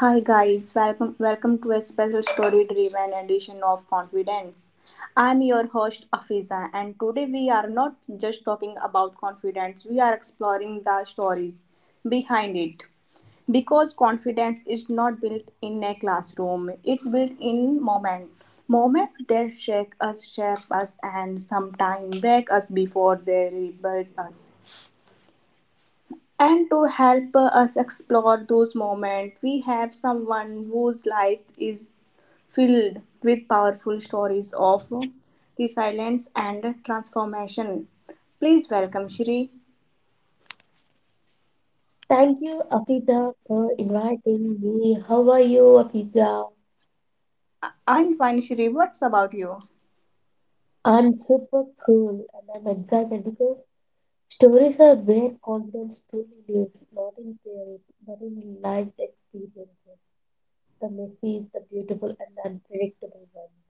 Hi guys, welcome to a special story driven edition of Confidence. I'm your host Afiza, and today we are not just talking about confidence, we are exploring the stories behind it. Because confidence is not built in a classroom, it's built in moment. Moment that shake us, shape us, and sometimes break us before they rebuild us. And to help us explore those moments, we have someone whose life is filled with powerful stories of resilience and transformation. Please welcome Shri. Thank you, Afiza, for inviting me. How are you, Afiza? I'm fine, Shri. What's about you? I'm super cool and I'm excited because stories are where confidence truly lives, not in theories, but in lived experiences, the messy, the beautiful, and the unpredictable ones.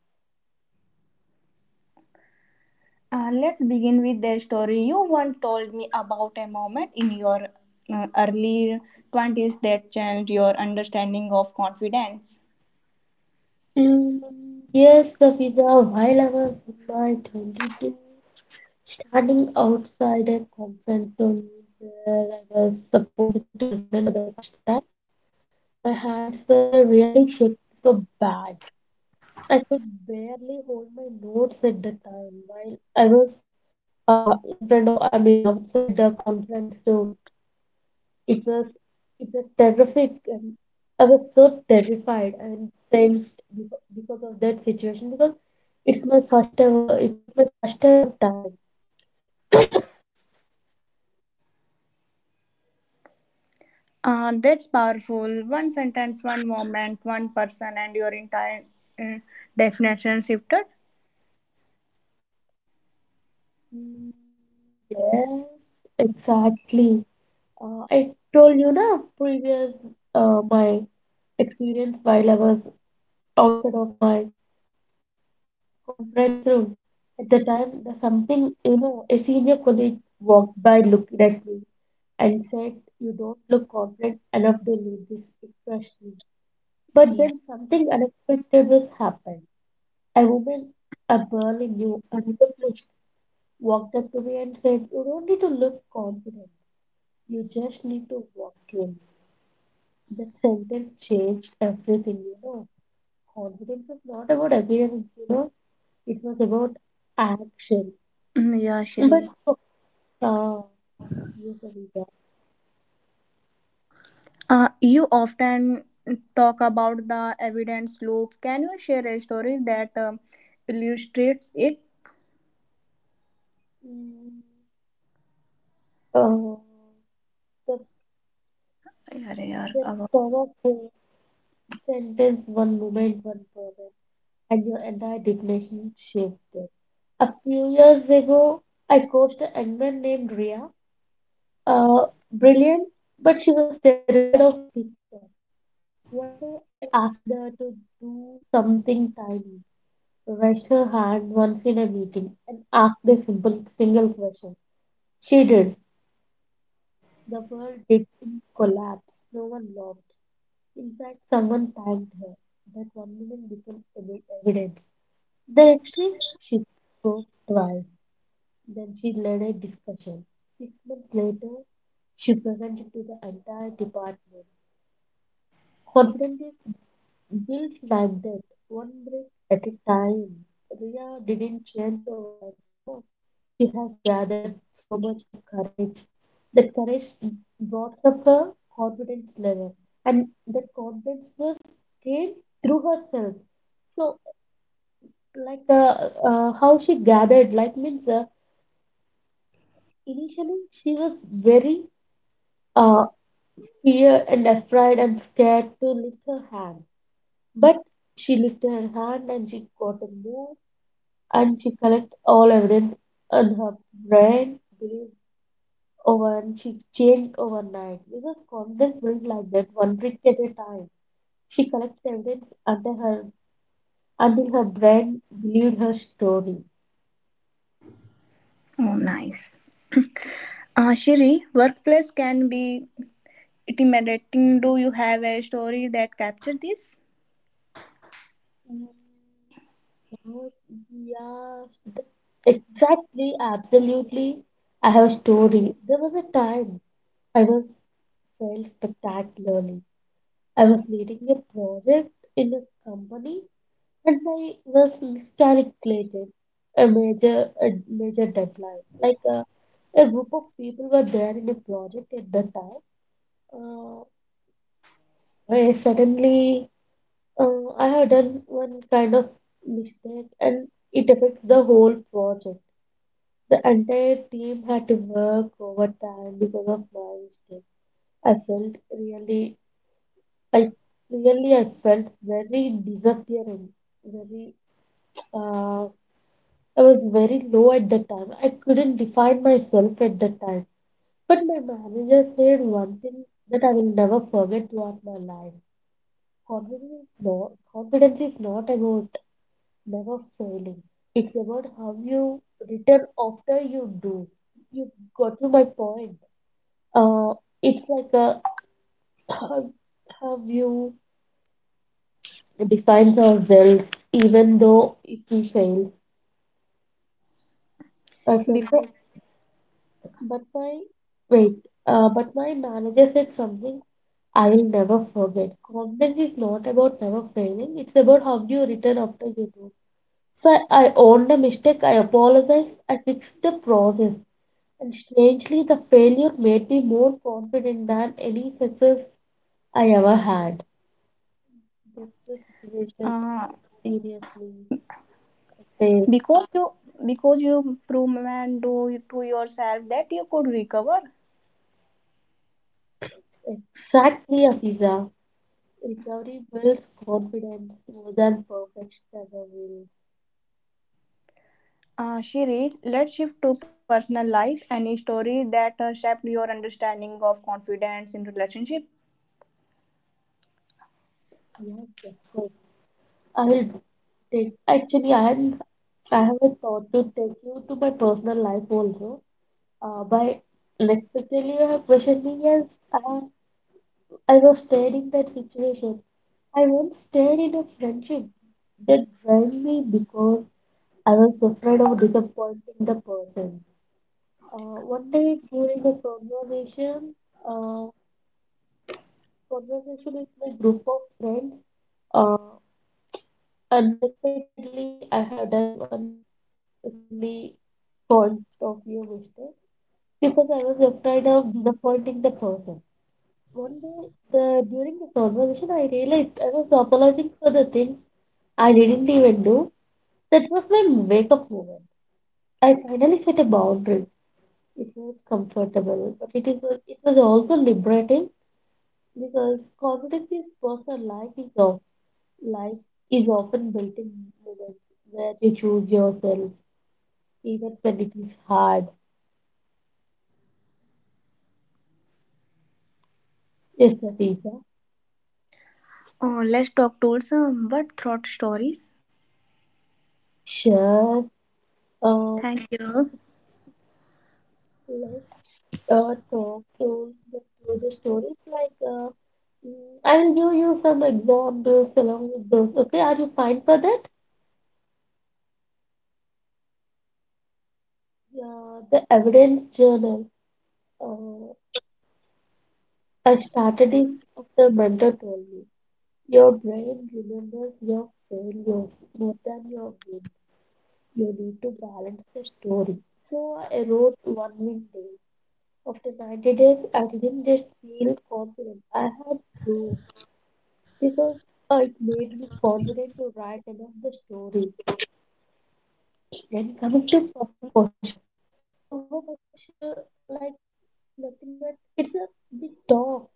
Let's begin with the story. You once told me about a moment in your early 20s that changed your understanding of confidence. Mm, yes, Afiza, while I was in my 22, standing outside a conference zone where I was supposed to present for the first time. My hands were really shaking so bad. I could barely hold my notes at the time while I was in front of, I mean, outside the conference room. It was, it was terrific, and I was so terrified and tensed because of that situation because it was my first ever time. That's powerful. One sentence, one moment, one person, and your entire uh, definition shifted. Mm, yes, exactly. I told you na previous my experience while I was outside of my conference room. At the time, the something you know, a senior colleague walked by, looked at me, and said, "You don't look confident enough to lead this question." But Yeah. then something unexpected was happened. A woman I barely knew, unpublished, walked up to me and said, "You don't need to look confident. You just need to walk in." That sentence changed everything. You know, confidence was not about appearance. You know, it was about action. Mm, yeah, But Shri. oh, uh, yes, Avita. You often talk about the evidence loop. Can you share a story that illustrates it? Mm, Uh, the Yeah, yeah. That Oh, sort of sentence, one moment, one person, and your entire definition shifted. A few years ago, I coached a young man named Ria. Uh, brilliant, but she was terrified of speaking up. One day, I asked her to do something tiny, raise her hand once in a meeting, and asked a simple single question. She did. The world didn't collapse. No one laughed. In fact, someone thanked her. That one moment became evidence. Then actually, she spoke twice. Then she led a discussion. 6 months later, she presented to the entire department. Confidently built like that, one brick at a time. Ria didn't change overnight, you know. She has gathered so much of courage. That courage brought up her confidence level, and that confidence was gained through herself. So, how she gathered, like, means initially she was very uh, fear and afraid and scared to lift her hand, but she lifted her hand and she got a move and she collect all evidence and her brain believed over and she changed overnight because confidence built like that, one brick at a time. She collected evidence until her brain believed her story. nice. Shri, workplace can be intimidating. Do you have a story that captures this? Mm, oh, yeah, exactly, absolutely. I have a story. There was a time I was failed spectacularly. I was leading a project in a company and I was miscalculated a major deadline. Like a group of people were there in a project at the time. Uh, where suddenly I had done one kind of mistake, and it affects the whole project. The entire team had to work overtime because of my mistake. I felt really, I I felt very disappearing, very uh, I was very low at the time. I couldn't define myself at the time. But my manager said one thing that I will never forget throughout my life. Confidence is not about never failing. It's about how you return after you do. You got to my point. Uh, it's like a, how, how you defines ourselves, even though if we fail. I felt Because. like But my wait, but my manager said something I'll never forget. Confidence is not about never failing, it's about how you return after you do. So I owned the mistake, I apologized, I fixed the process, and strangely, the failure made me more confident than any success I ever had. That's the situation, uh, seriously. I faced. because you prove and do to yourself that you could recover. Exactly, Afiza. Recovery builds confidence more than perfection ever will. Uh, she read let's shift to personal life, any story that shaped your understanding of confidence in relationship? Yes, of course. I'll take. Actually, I am. I have a thought to take you to my personal life also. By next unexpectedly, you have questioned me. Yes, I I was stayed in that situation. I once stayed in a friendship that drained me because I was afraid of disappointing the person. One day during a conversation, uh, conversation with my group of friends, uh, unexpectedly I have done one silly point of view mistake because I was afraid of disappointing the person. One day, the during the conversation, I realized I was apologizing for the things I didn't even do. That was my wake up moment. I finally set a boundary. It was comfortable, but it was also liberating because confidence is personal. Life is often built in moments where you choose yourself, even when it is hard. Yes, Afisa. Oh, let's talk to some what thought stories. Sure. Uh, Thank you. let's talk those through the stories. Like, I will give you some examples along with those. Okay, are you fine for that? Ah, yeah. Yeah, the evidence journal. Uh, I started this after mentor told me. Your brain remembers your failures more than your wins. You need to balance the story. So I wrote one win day. After 90 days, I didn't just feel confident. I had proof. Because it made me confident to write enough the story. Then coming to power posture like nothing but it's a big talk.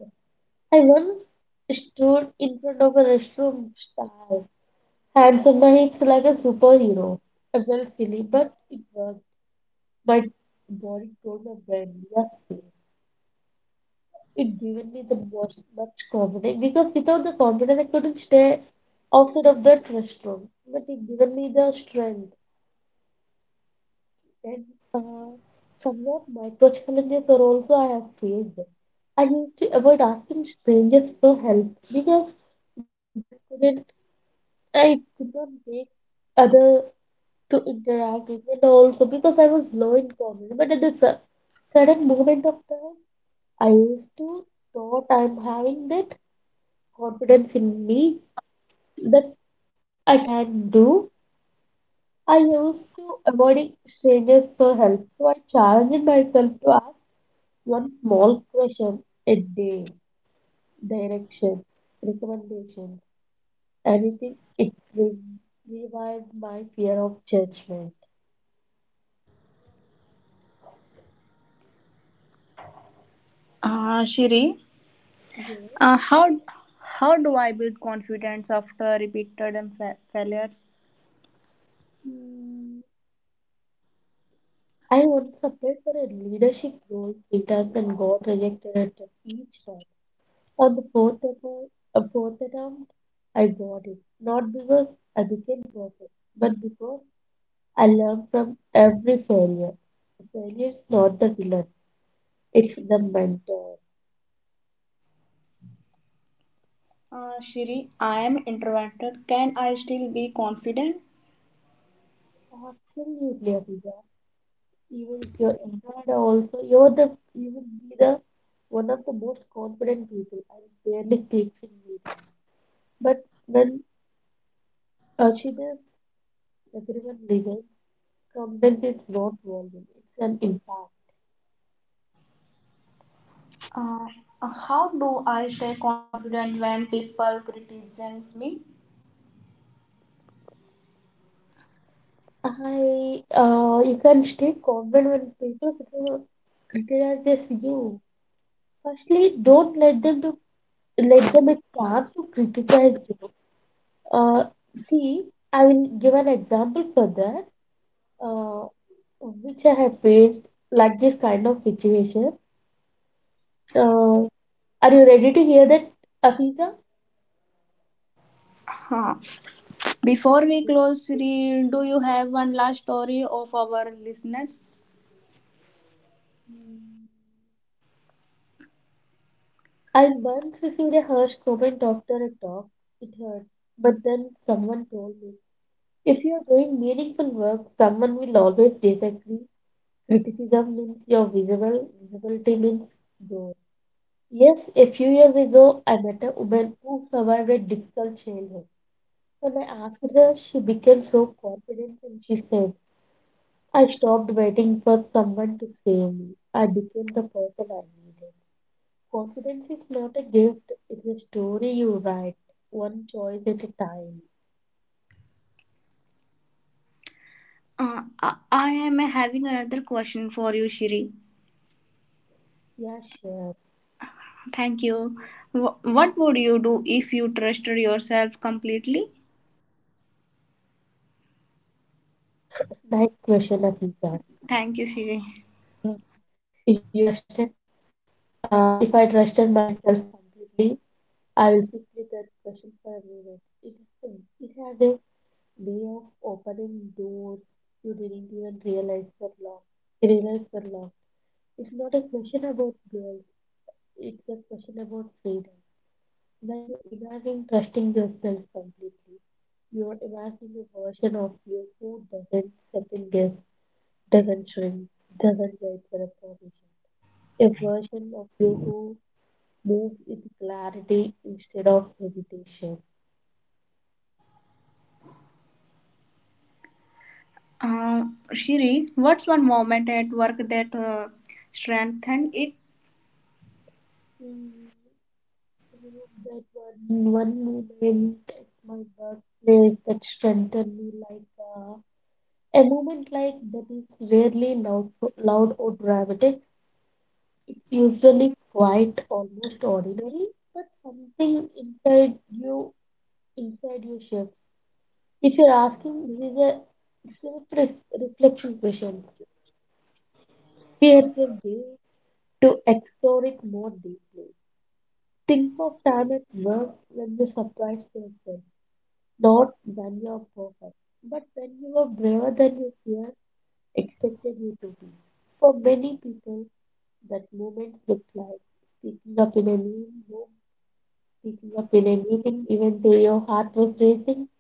I once stood in front of a restroom style, hands on my hips like a superhero. I felt silly, but it worked. My body told my brain, yes, safe." It given me the most much confidence because without the confidence I couldn't stay outside of that restroom. But it given me the strength. And uh, somewhat micro challenges are also I have faced. I used to avoid asking strangers for help because then I could not make other to interact with and also because I was low in confidence. But at the sudden moment of time, I used to thought I'm having that confidence in me that I can do. I used to avoiding strangers for help, so I challenged myself to ask one small question a day, direction, recommendations, anything, it revived my fear of judgment. Shiri, Yeah. uh, how how do I build confidence after repeated and failures? Mm, I once applied for a leadership role three times and got rejected at each time. On the fourth attempt, I got it. Not because I became perfect, but because I learned from every failure. Failure is not the villain, it's the mentor. Shiri, I am introverted. Can I still be confident? Absolutely, Abhija. Even if you're introverted, also you will be the one of the most confident people and barely speaks in meetings. But when Archita's everyone listens, confidence is not volume; it's an impact. Uh, how do I stay confident when people criticize me? I you can stay confident when people criticize you. Firstly, don't let them to let them a chance to criticize you. Uh, see, I will give an example for that. uh, which I have faced like this kind of situation. Uh, are you ready to hear that, Afiza? Huh. Before we close, Sri, do you have one last story of our listeners? Mm. I once received a harsh comment after a talk. It hurt, but then someone told me, if you are doing meaningful work, someone will always disagree. Criticism means you're visible. Visibility means growth. Yes, a few years ago, I met a woman who survived a difficult childhood. When I asked her, she became so confident and she said, I stopped waiting for someone to save me. I became the person I needed. Confidence is not a gift, it's a story you write, one choice at a time. I am having another question for you, Shri. Yeah, sure. Thank you. Wh- What would you do if you trusted yourself completely? Nice question, Afisa. Thank you, Shri. If you trusted, if I trusted myself completely, I will sit with that question for a minute. Has a, it has a way of opening doors you didn't even realize were locked. Realize were locked. It's not a question about girls. It's a question about freedom. When you imagine trusting yourself completely, you are imagining a version of you who doesn't second guess, doesn't shrink, doesn't wait for approbation. A version of you who moves with clarity instead of hesitation. Uh, Shri, what's one moment at work that strengthened it? Mm, That one moment at my workplace that strengthened me like uh, a moment like that is rarely loud, loud or dramatic. It's usually quite almost ordinary, but something you inside you shifts. If you're asking, this is a self-reflection question. Here's a way to explore it more deeply. Think of time at work when you surprised yourself, not when you're perfect, but when you were braver than you fear expected you to be. For many people, that moment looked like speaking up in a new, picking up in a meeting, even though your heart was racing,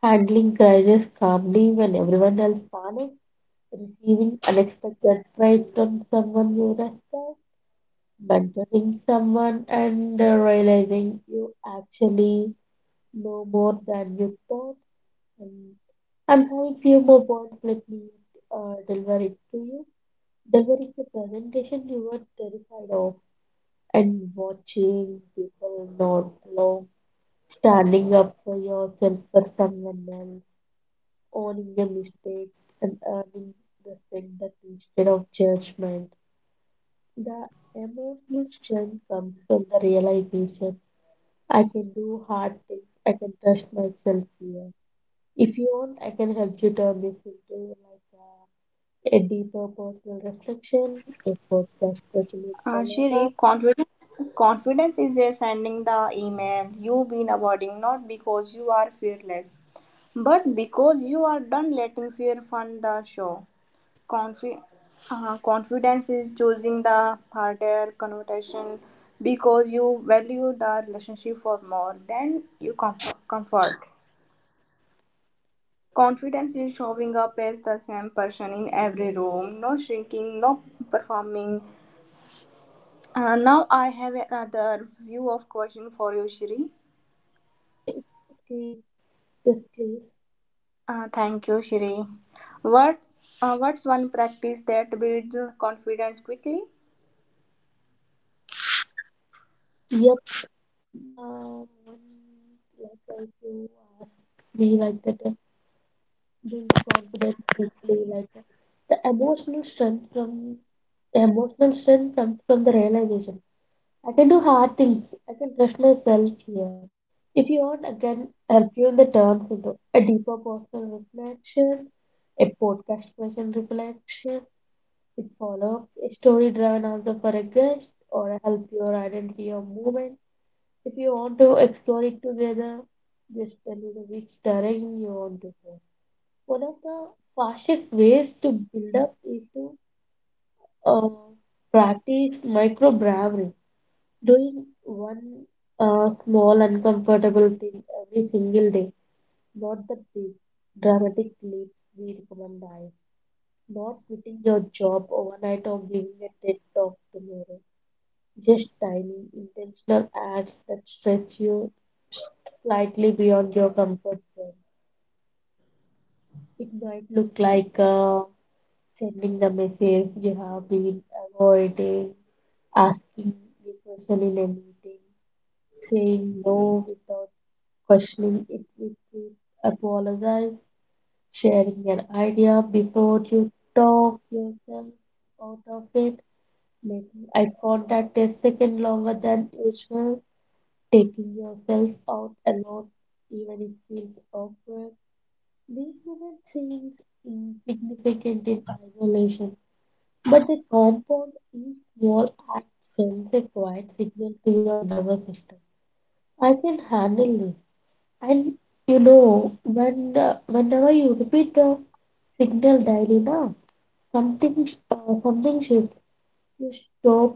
handling crisis calmly when everyone else panicked, receiving unexpected praise from someone you respect, mentoring someone and realizing you actually know more than you thought. And I'm having few more points. Let me deliver it to you. Delivering the presentation you were terrified of and watching people not along. Standing up for yourself for someone else, owning a mistake, and earning respect that instead of judgment. The emotional strength comes from the realization I can do hard things, I can trust myself here. If you want, I can help you turn this into a deeper personal reflection, a podcast specially Uh, for Shiri, Laura. confidence, confidence is just sending the email you've been avoiding, not because you are fearless, but because you are done letting fear fund the show. Confi- confidence is choosing the harder conversation because you value the relationship for more than you comfort. Confidence is showing up as the same person in every room, no shrinking, no performing. Now I have another view of question for you, Shri. It's okay, just please. Thank you, Shri. What what's one practice that builds confidence quickly? Yeah. The one, like, if you ask me, like, that build confidence quickly, like, the emotional strength comes from the realization. I can do hard things. I can trust myself here. If you want, I can help you in the terms into a deeper personal reflection, a podcast question reflection, it follows a story driven answer for a guest, or a help your identity or movement if you want to explore it together, just tell me the which direction you want to go. One of the fastest ways to build up is to uh, practice micro bravery, doing one small uncomfortable thing every single day, not the big dramatic leaps we recommend. Not quitting your job overnight or giving a TED talk tomorrow. Just tiny, intentional ads that stretch you slightly beyond your comfort zone. It might look like sending the message you have been avoiding, asking the question in a meeting, saying no without questioning it with it, apologize, sharing an idea before you talk yourself out of it, making eye contact a second longer than usual, taking yourself out alone, even it feels awkward. These moments seem insignificant in isolation, but they compound each small act sends a quiet signal to your nervous system. I can handle this. And whenever you repeat the signal daily now, something shifts. You stop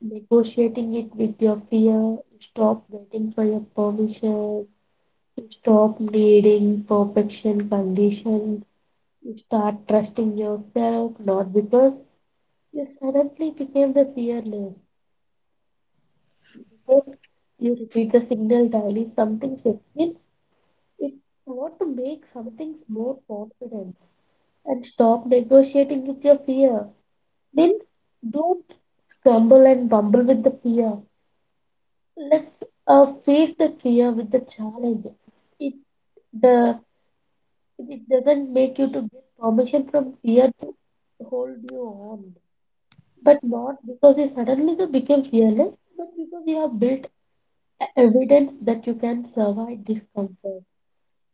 negotiating it with your fear. You stop waiting for your permission. You stop needing perfection conditions. You start trusting yourself, not because you suddenly became the fearless, because you repeat the signal daily. Something shifts. It's what to make some things more confident and stop negotiating with your fear. Means don't scramble and bumble with the fear. Let's face the fear with the challenge. It the It doesn't make you to get permission from fear to hold you on. But not because you suddenly you became fearless, but because you have built evidence that you can survive discomfort.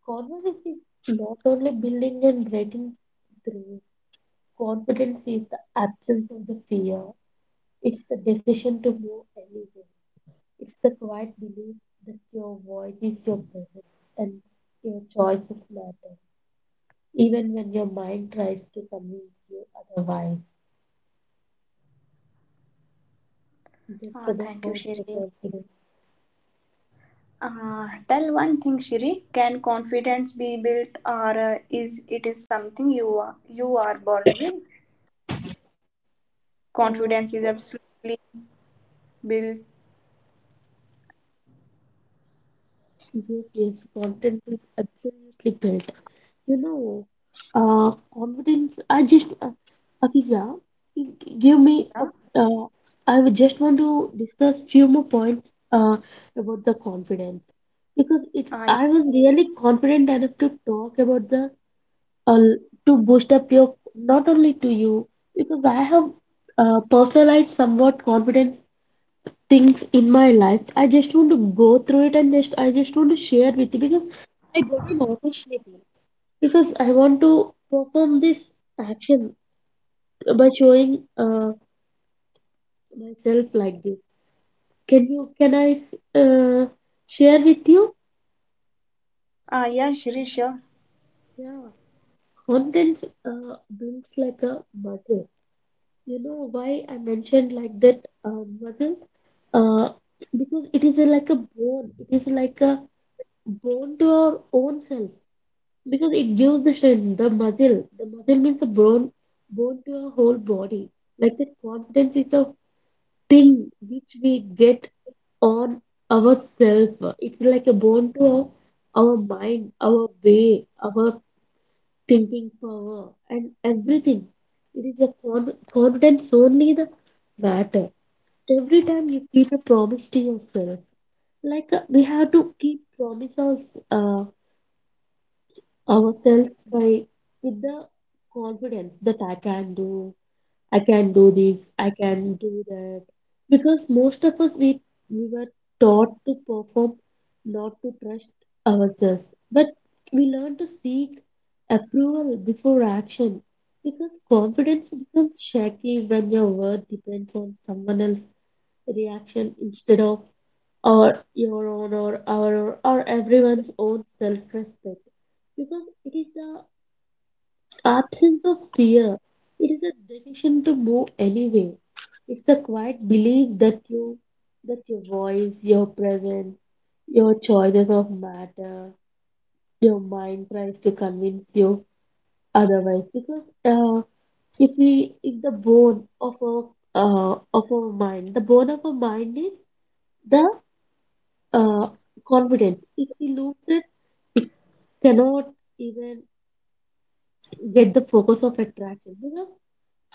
Confidence is not only building and breaking through. Confidence is the absence of the fear. It's the decision to move anyway. It's the quiet belief that your voice is your presence and your choices matter, even when your mind tries to convince you otherwise. That's about Thank you, the Shri. confidence. Tell one thing, Shri. Can confidence be built, or is something you are born with? Uh, Confidence is absolutely built. yes, yes, confidence is absolutely built. You know, uh, confidence. I just, uh, Afiza, you give me a. Yeah. Uh, I would just want to discuss few more points about the confidence because it's. Yeah. I was really confident enough to talk about the uh, to boost up your not only to you because I have personalized somewhat confidence things in my life. I just want to go through it and just I just want to share with you because I got an opportunity because I want to perform this action by showing myself like this. Can I share with you? Uh, yeah, Shri. Sure. Yeah, confidence builds like a muscle. You know why I mentioned like that muscle? Uh, because it is a, like a bone. It is like a bone to our own self because it gives the strength, the muscle. The muscle means the bone, bone to our whole body. Like that confidence is the thing which we get on ourselves. It's like a bone to our mind, our way, our thinking power, and everything. It is a con confidence only the matter every time you keep a promise to yourself like we have to keep promises uh, ourselves by with the confidence that I can do, I can do this, I can do that, because most of us we were taught to perform not to trust ourselves, but we learn to seek approval before action, because confidence becomes shaky when your worth depends on someone else's reaction instead of or your own or our or everyone's own self-respect, because it is the absence of fear, it is a decision to move anyway, it's the quiet belief that your voice, your presence, your choices of matter, your mind tries to convince you otherwise. Because if we if the bone of our mind the bone of our mind is the uh, confidence, if we lose that cannot even get the focus of attraction, because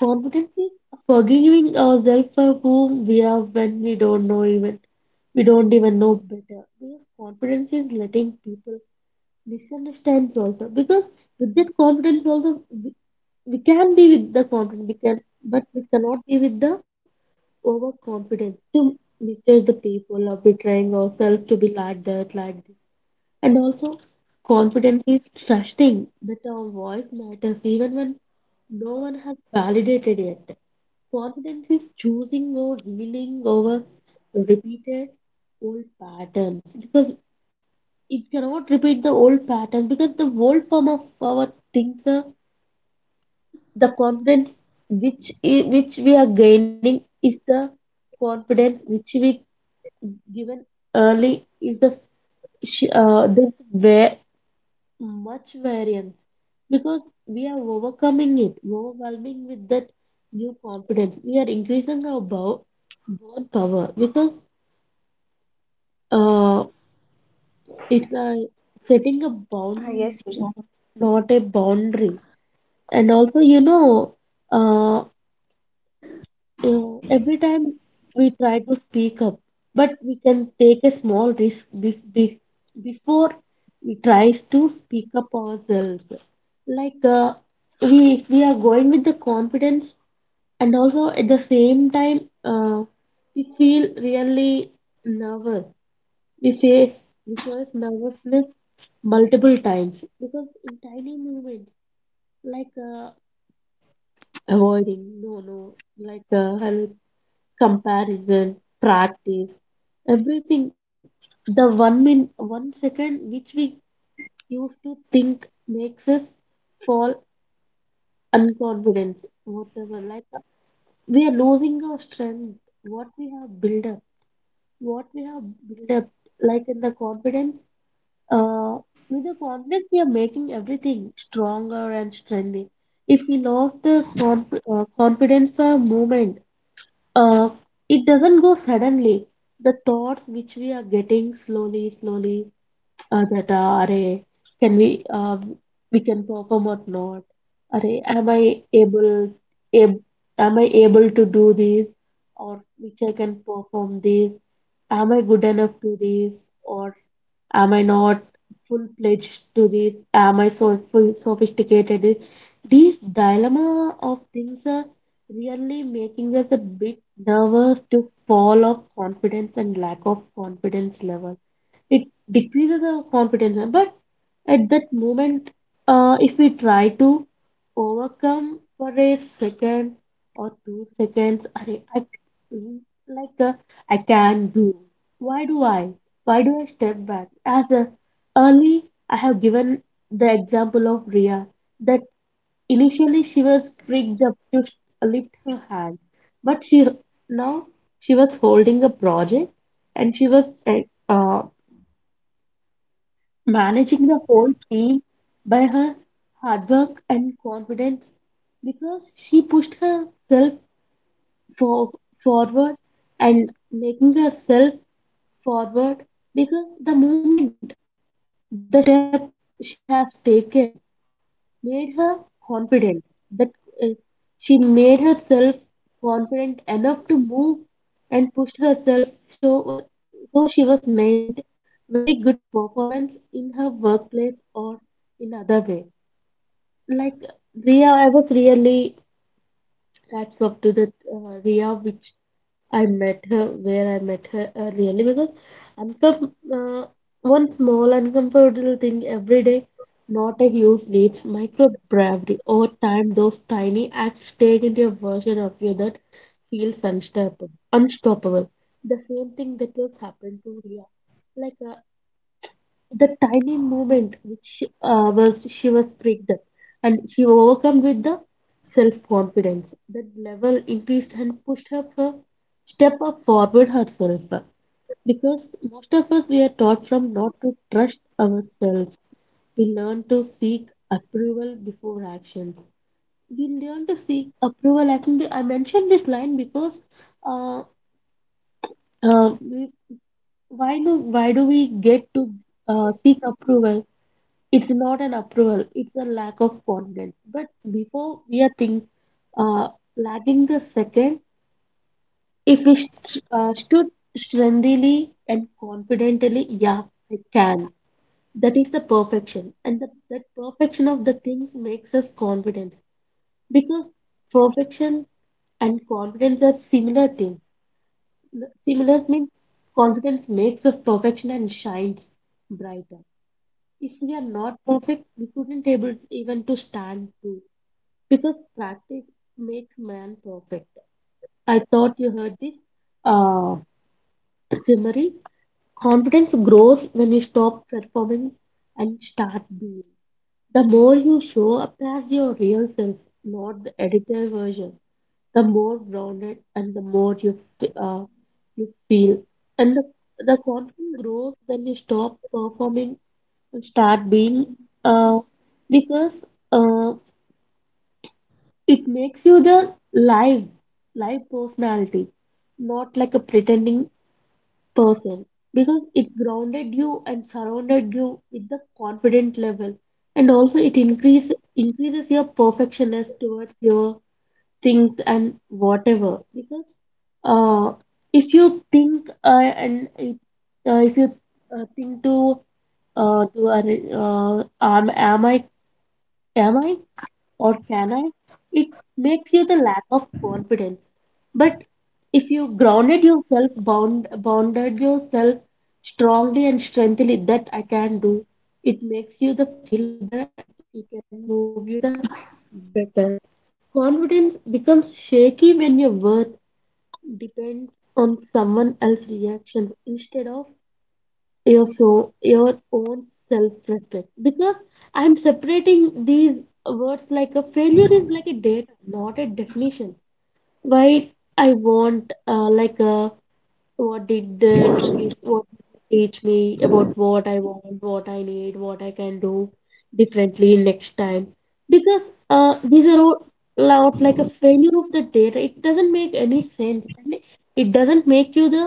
confidence is forgiving ourselves for whom we are when we don't know even, we don't even know better, because confidence is letting people misunderstand also because with that confidence also we can be with the confidence we can, but we cannot be with the overconfidence to misjudge the people or betraying ourselves to be like that like this. And also, confidence is trusting that our voice matters even when no one has validated it. Confidence is choosing or healing over repeated old patterns, because it cannot repeat the old patterns because the old form of our things are the confidence which which we are gaining is the confidence which we given early is the this way much variance because we are overcoming it, overwhelming with that new confidence. We are increasing our bow, bound power because uh, it's a setting a Yes, Shri. bound, not a boundary. And also, you know, uh, every time we try to speak up, but we can take a small risk before we try to speak up ourselves. Like we, if we are going with the confidence, and also at the same time, we feel really nervous. We face we face nervousness multiple times because in tiny moments like avoiding no no like help comparison practice everything, the one min 1 second which we used to think makes us fall unconfidence whatever, like we are losing our strength what we have built up, what we have built up like in the confidence uh with the confidence we are making everything stronger and strengthy. If we lost the confidence for a moment, uh it doesn't go suddenly, the thoughts which we are getting slowly slowly, that array can we can perform or not, array am I able, ab- am I able to do this or which I can perform this, am I good enough to this or am I not full fledged to this, am I so full sophisticated, this dilemma of things are really making us a bit nervous to fall off confidence and lack of confidence level, it decreases our confidence. But at that moment, if we try to overcome for a second or 2 seconds, I, like I can do, why do I, why do I step back as a, early I have given the example of Ria, that initially she was freaked up to lift her hand, but she now, she was holding a project and she was uh, managing the whole team by her hard work and confidence because she pushed herself for, forward and making herself forward, because the moment the step she has taken made her confident that uh, she made herself confident enough to move and pushed herself so, so she was made very good performance in her workplace or in other way. Like Ria, I was really hats off to that Ria, which I met her where I met her really because uncom- uh, one small uncomfortable thing every day, not a huge leaps, micro bravery. Over time, those tiny acts take into a version of you that feels unstoppable. Unstoppable. The same thing that has happened to Ria. Like the tiny moment which was she was triggered and she overcome with the self-confidence, that level increased and pushed her for step up forward herself, because most of us we are taught from not to trust ourselves, we learn to seek approval before actions. We learn to seek approval, I think I mentioned this line because uh, uh, we- why do, why do we get to seek approval. It's not an approval, it's a lack of confidence, but before we are think uh, lacking the second, if we stood strengthily and confidently, yeah, I can, that is the perfection, and the, that perfection of the things makes us confidence because perfection and confidence are similar things. Similar means confidence makes us perfection and shines brighter. If we are not perfect, we couldn't able even to stand too, because practice makes man perfect. I thought you heard this. Uh, Simari, confidence grows when you stop performing and start being. The more you show up as your real self, not the edited version, the more grounded and the more you f- uh, you feel. And the confidence grows when you stop performing and start being. Uh, because uh, It makes you the live, live personality, not like a pretending person, because it grounded you and surrounded you with the confident level, and also it increase increases your perfectionist towards your things and whatever. Because uh, if you think if you think to uh, to uh, am I, am I, or can I? It makes you the lack of confidence. But if you grounded yourself, bounded yourself strongly and strengthily that I can do, it makes you the feel better and it can move you the better. Confidence becomes shaky when your worth depends on someone else's reaction instead of your own self respect, because I'm separating these words like a failure is like a data not a definition. Why I want like a what did this what teach me about what I want, what I need, what I can do differently next time, because these are all out like a failure of the data, it doesn't make any sense and it doesn't make you the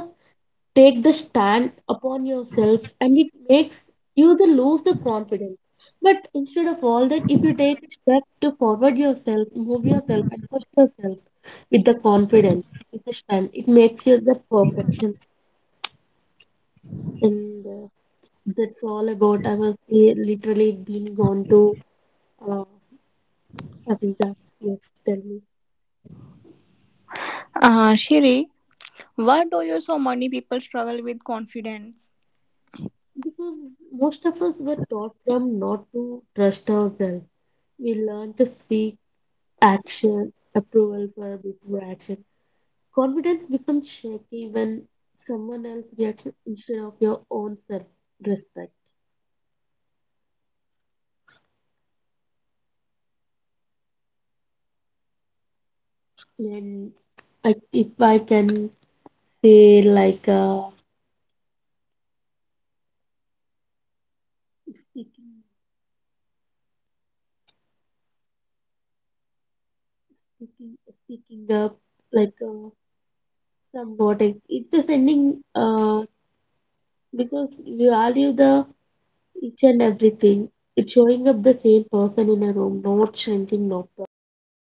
take the stand upon yourself and it makes you the lose the confidence. But instead of all that, if you take a step to forward yourself, move yourself and push yourself with the confidence, with the stand, it makes you the perfection. And that's all about. I was literally been gone to uh, Africa. Yes, tell me. Shri, why do you so many people struggle with confidence? Because most of us were taught from not to trust ourselves, we learn to seek action, approval for before action. Confidence becomes shaky when someone else reacts instead of your own self respect. Beautiful. Thank you, Shiri. Thank you so much. And really sound great about your And thoughts I, and if I accents can of say confidence. like Mm. Thank. You built up to speaking, yourself and your shine way to towards us. Thank you, Shiri, again. Thank you so much, speaking, our audience, speaking to up, being like part of the journey. You till somewhat, next it's time, just keep ending writing your story. Thank you, Shiri, because you again. value the each and everything. It's showing up the same person in a room, not shrinking, not performing